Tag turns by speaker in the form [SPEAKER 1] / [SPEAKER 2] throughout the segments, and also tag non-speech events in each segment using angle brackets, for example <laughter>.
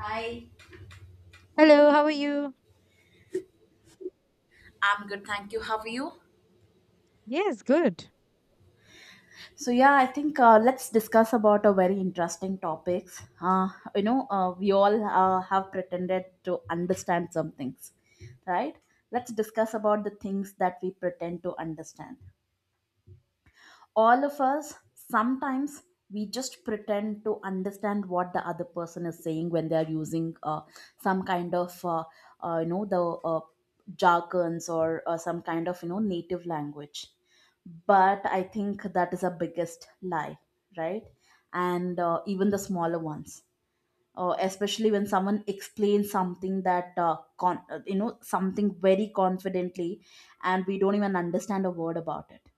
[SPEAKER 1] Hi.
[SPEAKER 2] Hello, how are you?
[SPEAKER 1] I'm good, thank you. How are you?
[SPEAKER 2] Yes, good.
[SPEAKER 1] I think let's discuss about a very interesting topics. We all have pretended to understand some things, right? Let's discuss about the things that we pretend to understand. All of us sometimes we just pretend to understand what the other person is saying when they are using some kind of you know the jargons or some kind of you know native language, but I think that is a biggest lie, right? And even the smaller ones, especially when someone explains something that you know something very confidently, and we don't even understand a word about it.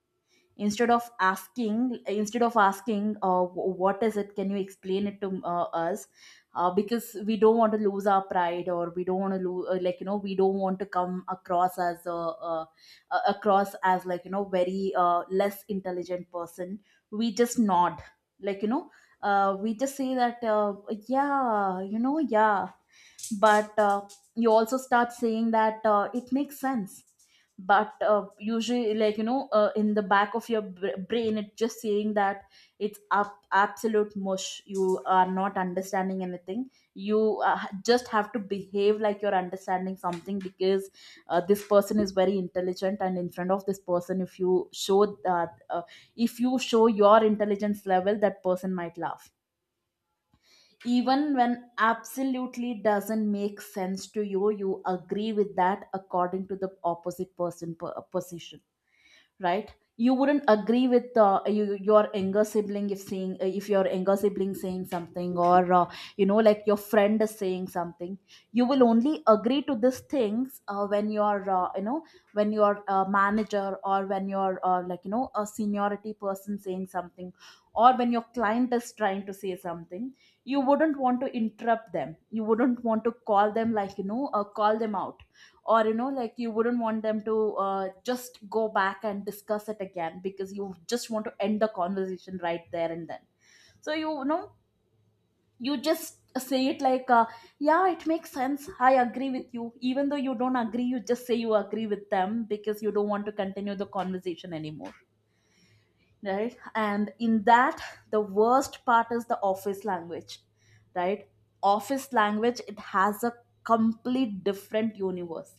[SPEAKER 1] Instead of asking what is it, can you explain it to us, because we don't want to lose our pride, or we don't want to lose like you know we don't want to come across as a across as like you know very less intelligent person. We just nod, like you know, we just say that yeah you know yeah. But you also start saying that it makes sense. But usually like you know in the back of your brain it's just saying that it's up absolute mush, you are not understanding anything, you just have to behave like you're understanding something because this person is very intelligent, and in front of this person if you show that if you show your intelligence level, that person might laugh. Even when absolutely doesn't make sense to you, you agree with that according to the opposite person position, right? You wouldn't agree with your younger sibling if seeing if your younger sibling saying something, or you know like your friend is saying something. You will only agree to these things when you're you know, when your manager or when your like you know a seniority person saying something, or when your client is trying to say something. You wouldn't want to interrupt them, you wouldn't want to call them like you know call them out, or you know like you wouldn't want them to just go back and discuss it again, because you just want to end the conversation right there and then. So you know, you just say it like yeah it makes sense, I agree with you, even though you don't agree you just say you agree with them because you don't want to continue the conversation anymore, right? And in that, the worst part is the office language, right? Office language, it has a complete different universe.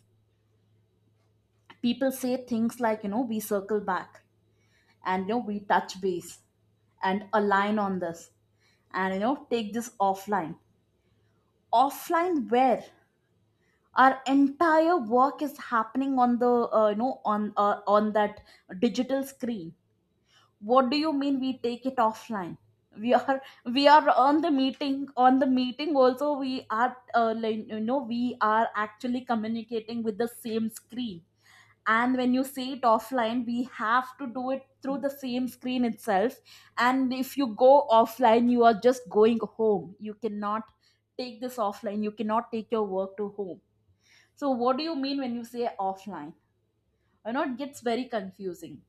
[SPEAKER 1] People say things like you know we circle back, and you know we touch base, and align on this, and you know take this offline. Offline where? Our entire work is happening on the on that digital screen. What do you mean we take it offline? We are, we are on the meeting. On the meeting also we are like, you know we are actually communicating with the same screen, and when you see it offline we have to do it through the same screen itself. And if you go offline you are just going home, you cannot take this offline, you cannot take your work to home. So what do you mean when you say offline? You know, it gets very confusing.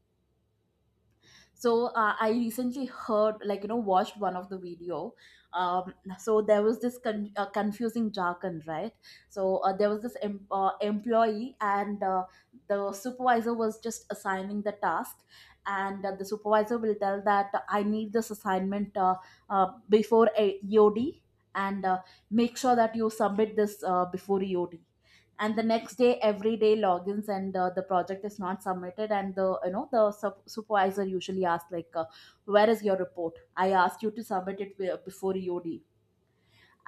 [SPEAKER 1] So I recently heard like you know watched one of the video. um, so there was this confusing jargon, right? So there was this employee, and the supervisor was just assigning the task. And the supervisor will tell that I need this assignment before a eod. And make sure that you submit this before eod. And the next day every day logins, and the project is not submitted, and the you know the supervisor usually asks like where is your report, I asked you to submit it before eod.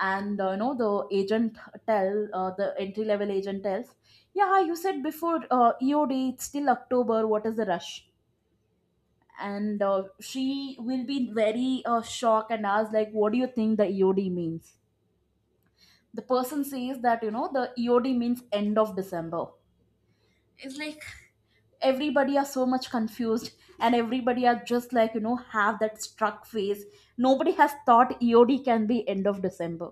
[SPEAKER 1] And you know the agent tell the entry level agent tells, yeah you said before eod, it's still October, what is the rush? And she will be very shocked and ask like what do you think the eod means? The person says that you know the eod means end of December. It's like everybody are so much confused, and everybody are just like you know have that struck face, nobody has thought eod can be end of December.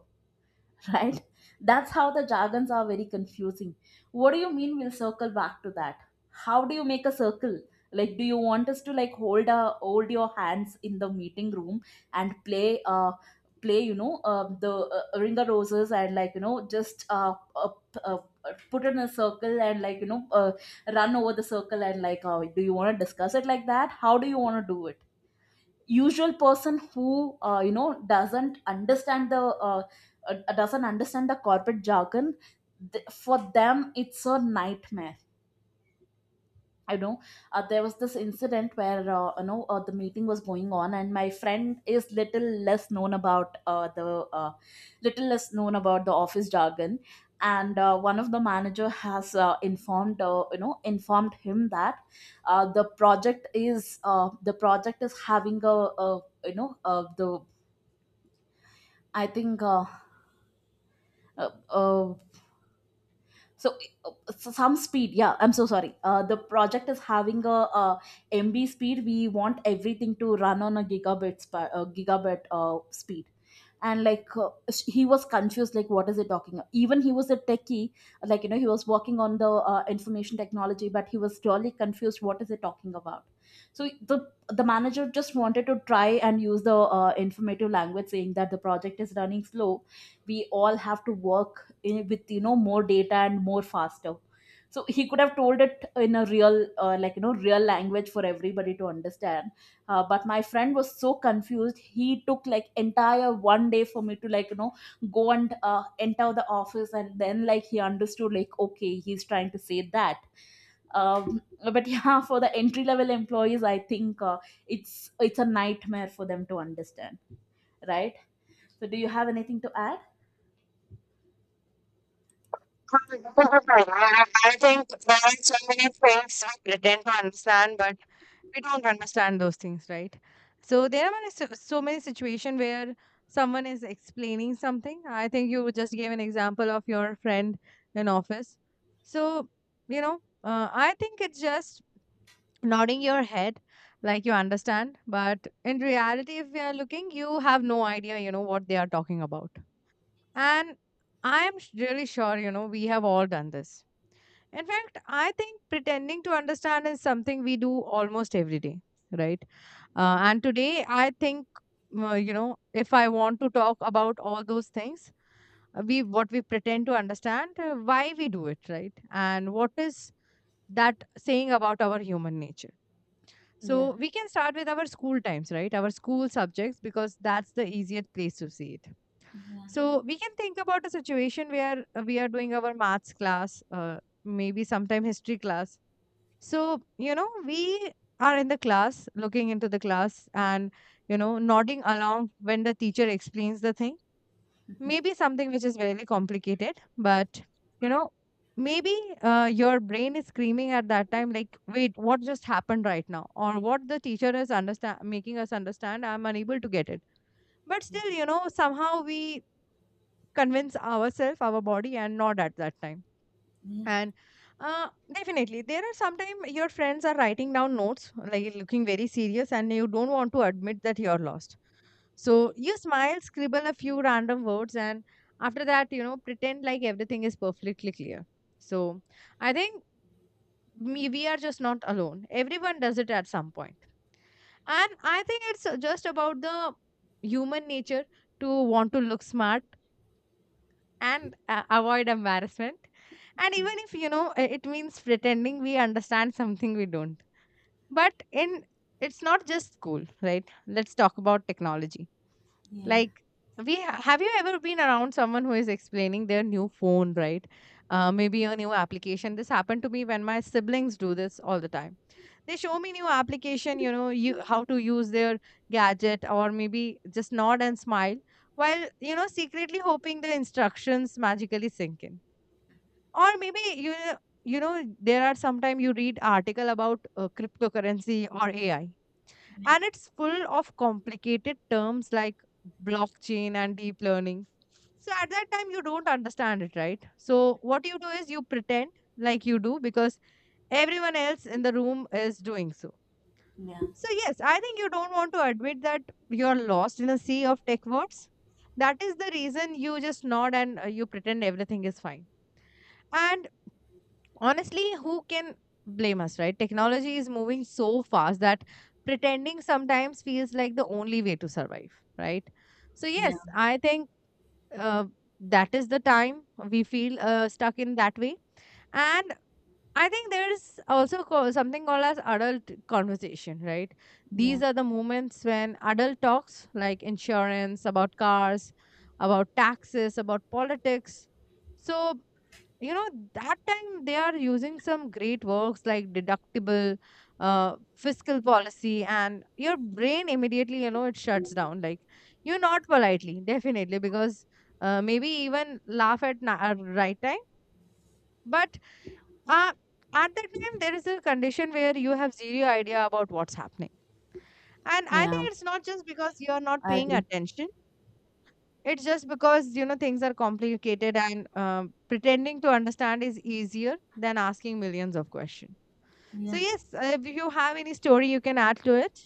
[SPEAKER 1] <laughs> Right? That's how the jargons are very confusing. What do you mean we'll circle back to that? How do you make a circle? Like, do you want us to like hold your hands in the meeting room and play you know the ring of roses, and like you know just put in a circle, and like you know run over the circle, and like do you want to discuss it like that? How do you want to do it? Usual person who you know doesn't understand the corporate jargon, for them it's a nightmare, you know. There was this incident where the meeting was going on, and my friend is little less known about the uh, little less known about the office jargon. And one of the manager has informed you know informed him that the project is having a you know the I think uh, uh, so uh, so some speed, yeah I'm so sorry, the project is having mb speed, we want everything to run on a gigabit gigabit speed. And like he was confused like what is it talking about? Even he was a techie, like you know he was working on the information technology, but he was really confused what is it talking about. So the manager just wanted to try and use the informative language saying that the project is running slow, we all have to work in, with you know more data and more faster. So he could have told it in a real like you know real language for everybody to understand. But my friend was so confused, he took like entire one day for me to like you know go and enter the office, and then like he understood like okay he's trying to say that. um, but <laughs> yeah, for the entry level employees I think it's a nightmare for them to understand, right? So do you have anything to add?
[SPEAKER 2] I think there are so many things we pretend to understand, but we don't understand those things, right? So there are many, so many situations where someone is explaining something. I think you just gave an example of your friend in office. So, you know, I think it's just nodding your head like you understand. But in reality, if you are looking, you have no idea, you know, what they are talking about. And I am really sure, you know, we have all done this. In fact, I think pretending to understand is something we do almost every day, right? And today, I think, you know, if I want to talk about all those things, we what we pretend to understand, why we do it, right? And what is that saying about our human nature?
[SPEAKER 1] Yeah.
[SPEAKER 2] So we can start with our school times, right? Our school subjects, because that's the easiest place to see it.
[SPEAKER 1] Yeah.
[SPEAKER 2] So we can think about a situation where we are doing our maths class, maybe sometime history class. So, you know, we are in the class, looking into the class and, you know, nodding along when the teacher explains the thing. Maybe something which is very complicated, but, you know, maybe your brain is screaming at that time, like, wait, what just happened right now? Or what the teacher is understand making us understand, I'm unable to get it. But still, you know, somehow we convince ourselves, our body, and not at that time.
[SPEAKER 1] Yeah, yeah,
[SPEAKER 2] And definitely, there are sometimes your friends are writing down notes, like looking very serious, and you don't want to admit that you're lost. So you smile, scribble a few random words, and after that, you know, pretend like everything is perfectly clear. So I think me, we are just not alone. Everyone does it at some point. And I think it's just about the human nature to want to look smart and avoid embarrassment. And even if you know it means pretending we understand something we don't. But in it's not just school, right? Let's talk about technology,
[SPEAKER 1] yeah,
[SPEAKER 2] like, we have you ever been around someone who is explaining their new phone, right? Maybe a new application. This happened to me when my siblings do this all the time. They show me new application, you know, you how to use their gadget or maybe just nod and smile while, you know, secretly hoping the instructions magically sink in. Or maybe, you know, there are sometimes you read article about cryptocurrency or AI, and it's full of complicated terms like blockchain and deep learning. So at that time you don't understand it, right? So what you do is you pretend like you do, because everyone else in the room is doing so. So yes, I think you don't want to admit that you're lost in a sea of tech words. That is the reason you just nod, and you pretend everything is fine. And honestly, who can blame us, right? Technology is moving so fast that pretending sometimes feels like the only way to survive, right? So,
[SPEAKER 1] yeah,
[SPEAKER 2] yes, I think, uh, that is the time we feel stuck in that way. And I think there is also something called as adult conversation, right?
[SPEAKER 1] yeah,
[SPEAKER 2] These are the moments when adult talks like insurance, about cars, about taxes, about politics. So, you know, that time they are using some great works like deductible, fiscal policy, and your brain immediately, you know, it shuts down, like you not politely definitely because, maybe even laugh at right time. But uh, at that time there is a condition where you have zero idea about what's happening. And I think
[SPEAKER 1] yeah.
[SPEAKER 2] it's not just because you're not
[SPEAKER 1] I
[SPEAKER 2] paying
[SPEAKER 1] agree.
[SPEAKER 2] attention. It's just because, you know, things are complicated, and pretending to understand is easier than asking millions of questions. So,
[SPEAKER 1] Yeah.
[SPEAKER 2] yes, if you have any story, you can add to it.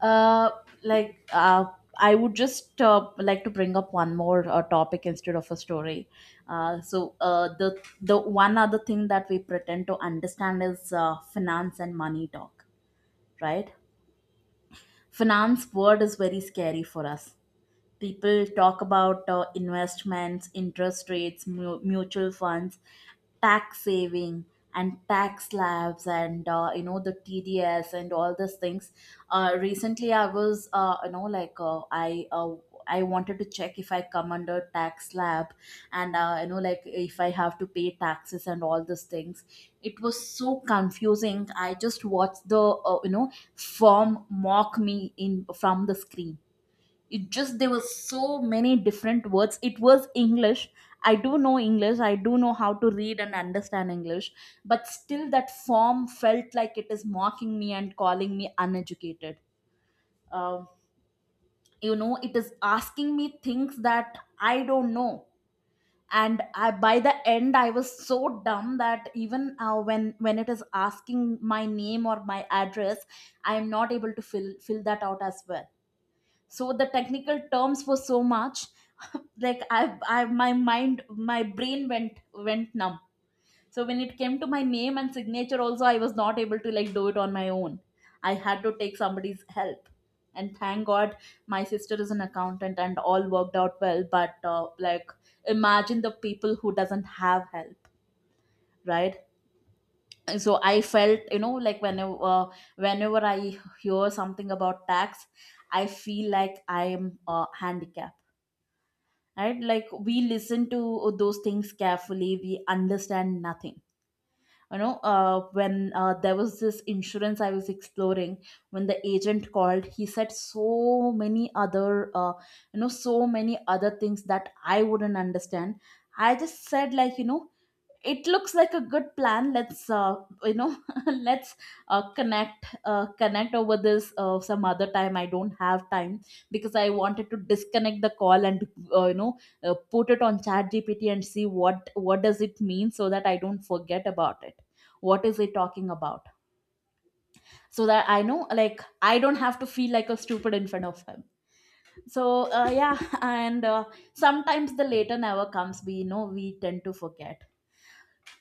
[SPEAKER 1] Uh, like uh, I would just like to bring up one more topic instead of a story. The one other thing that we pretend to understand is finance and money talk, right? Finance word is very scary for us. People talk about investments, interest rates, mutual funds, tax saving, and tax slabs, and you know the tds and all these things. Recently I was I wanted to check if I come under tax slab, and you know like if I have to pay taxes and all these things. It was so confusing, I just watched the uh, you know firm mock me in from the screen. It just there were so many different words, it was English. I do know English, I do know how to read and understand English, but still that form felt like it is mocking me and calling me uneducated. Um you know, it is asking me things that I don't know. And by the end I was so dumb that even when it is asking my name or my address, I am not able to fill that out as well. So the technical terms were so much. <laughs> Like I my mind my brain went numb, so when it came to my name and signature also I was not able to like do it on my own. I had to take somebody's help, and thank god my sister is an accountant and all worked out well. But like, imagine the people who doesn't have help, right? So I felt you know like whenever I hear something about tax, I feel like I am handicapped, right? Like we listen to those things carefully, we understand nothing. You know, when there was this insurance I was exploring, when the agent called he said so many other you know so many other things that I wouldn't understand. I just said like you know it looks like a good plan, let's you know <laughs> let's connect over this some other time, I don't have time, because I wanted to disconnect the call, and uh, you know put it on chat gpt and see what does it mean so that I don't forget about it, what is it talking about, so that I know like I don't have to feel like a stupid in front of him. So yeah, <laughs> and sometimes the later never comes, we know we tend to forget.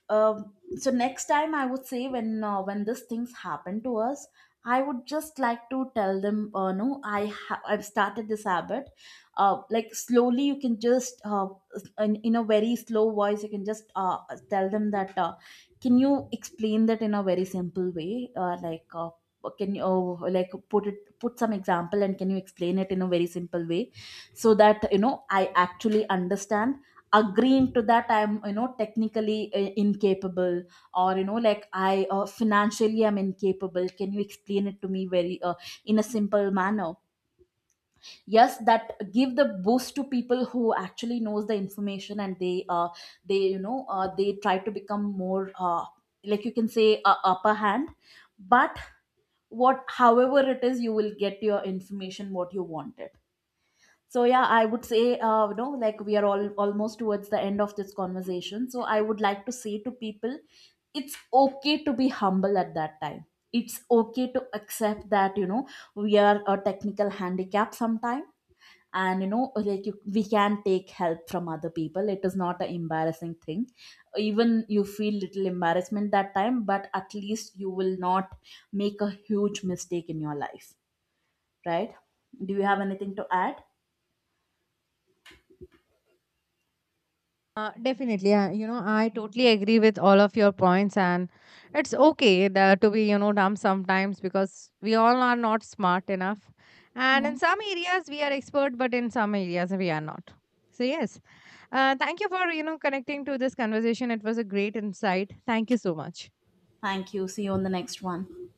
[SPEAKER 1] So next time I would say when these things happen to us, I would just like to tell them, no, I've started this habit. Like slowly, you can just in a very slow voice, you can just tell them that. Can you explain that in a very simple way? Can you like put some example, and can you explain it in a very simple way so that you know I actually understand, agreeing to that I'm you know technically incapable, or you know like I financially I'm incapable, can you explain it to me very in a simple manner. Yes, that give the boost to people who actually knows the information, and they you know they try to become more like you can say upper hand. But what, however it is, you will get your information what you wanted. So yeah, I would say, you know, like we are all almost towards the end of this conversation. So I would like to say to people, it's okay to be humble at that time. It's okay to accept that you know we are a technical handicap sometime, and you know like we can take help from other people. It is not an embarrassing thing. Even you feel little embarrassment that time, but at least you will not make a huge mistake in your life, right? Do you have anything to add?
[SPEAKER 2] Definitely, you know, I totally agree with all of your points, and it's okay that to be, you know, dumb sometimes, because we all are not smart enough, and
[SPEAKER 1] Yeah.
[SPEAKER 2] in some areas we are expert, but in some areas we are not. So yes, thank you for you know connecting to this conversation. It was a great insight. Thank you so much.
[SPEAKER 1] Thank you. See you on the next one.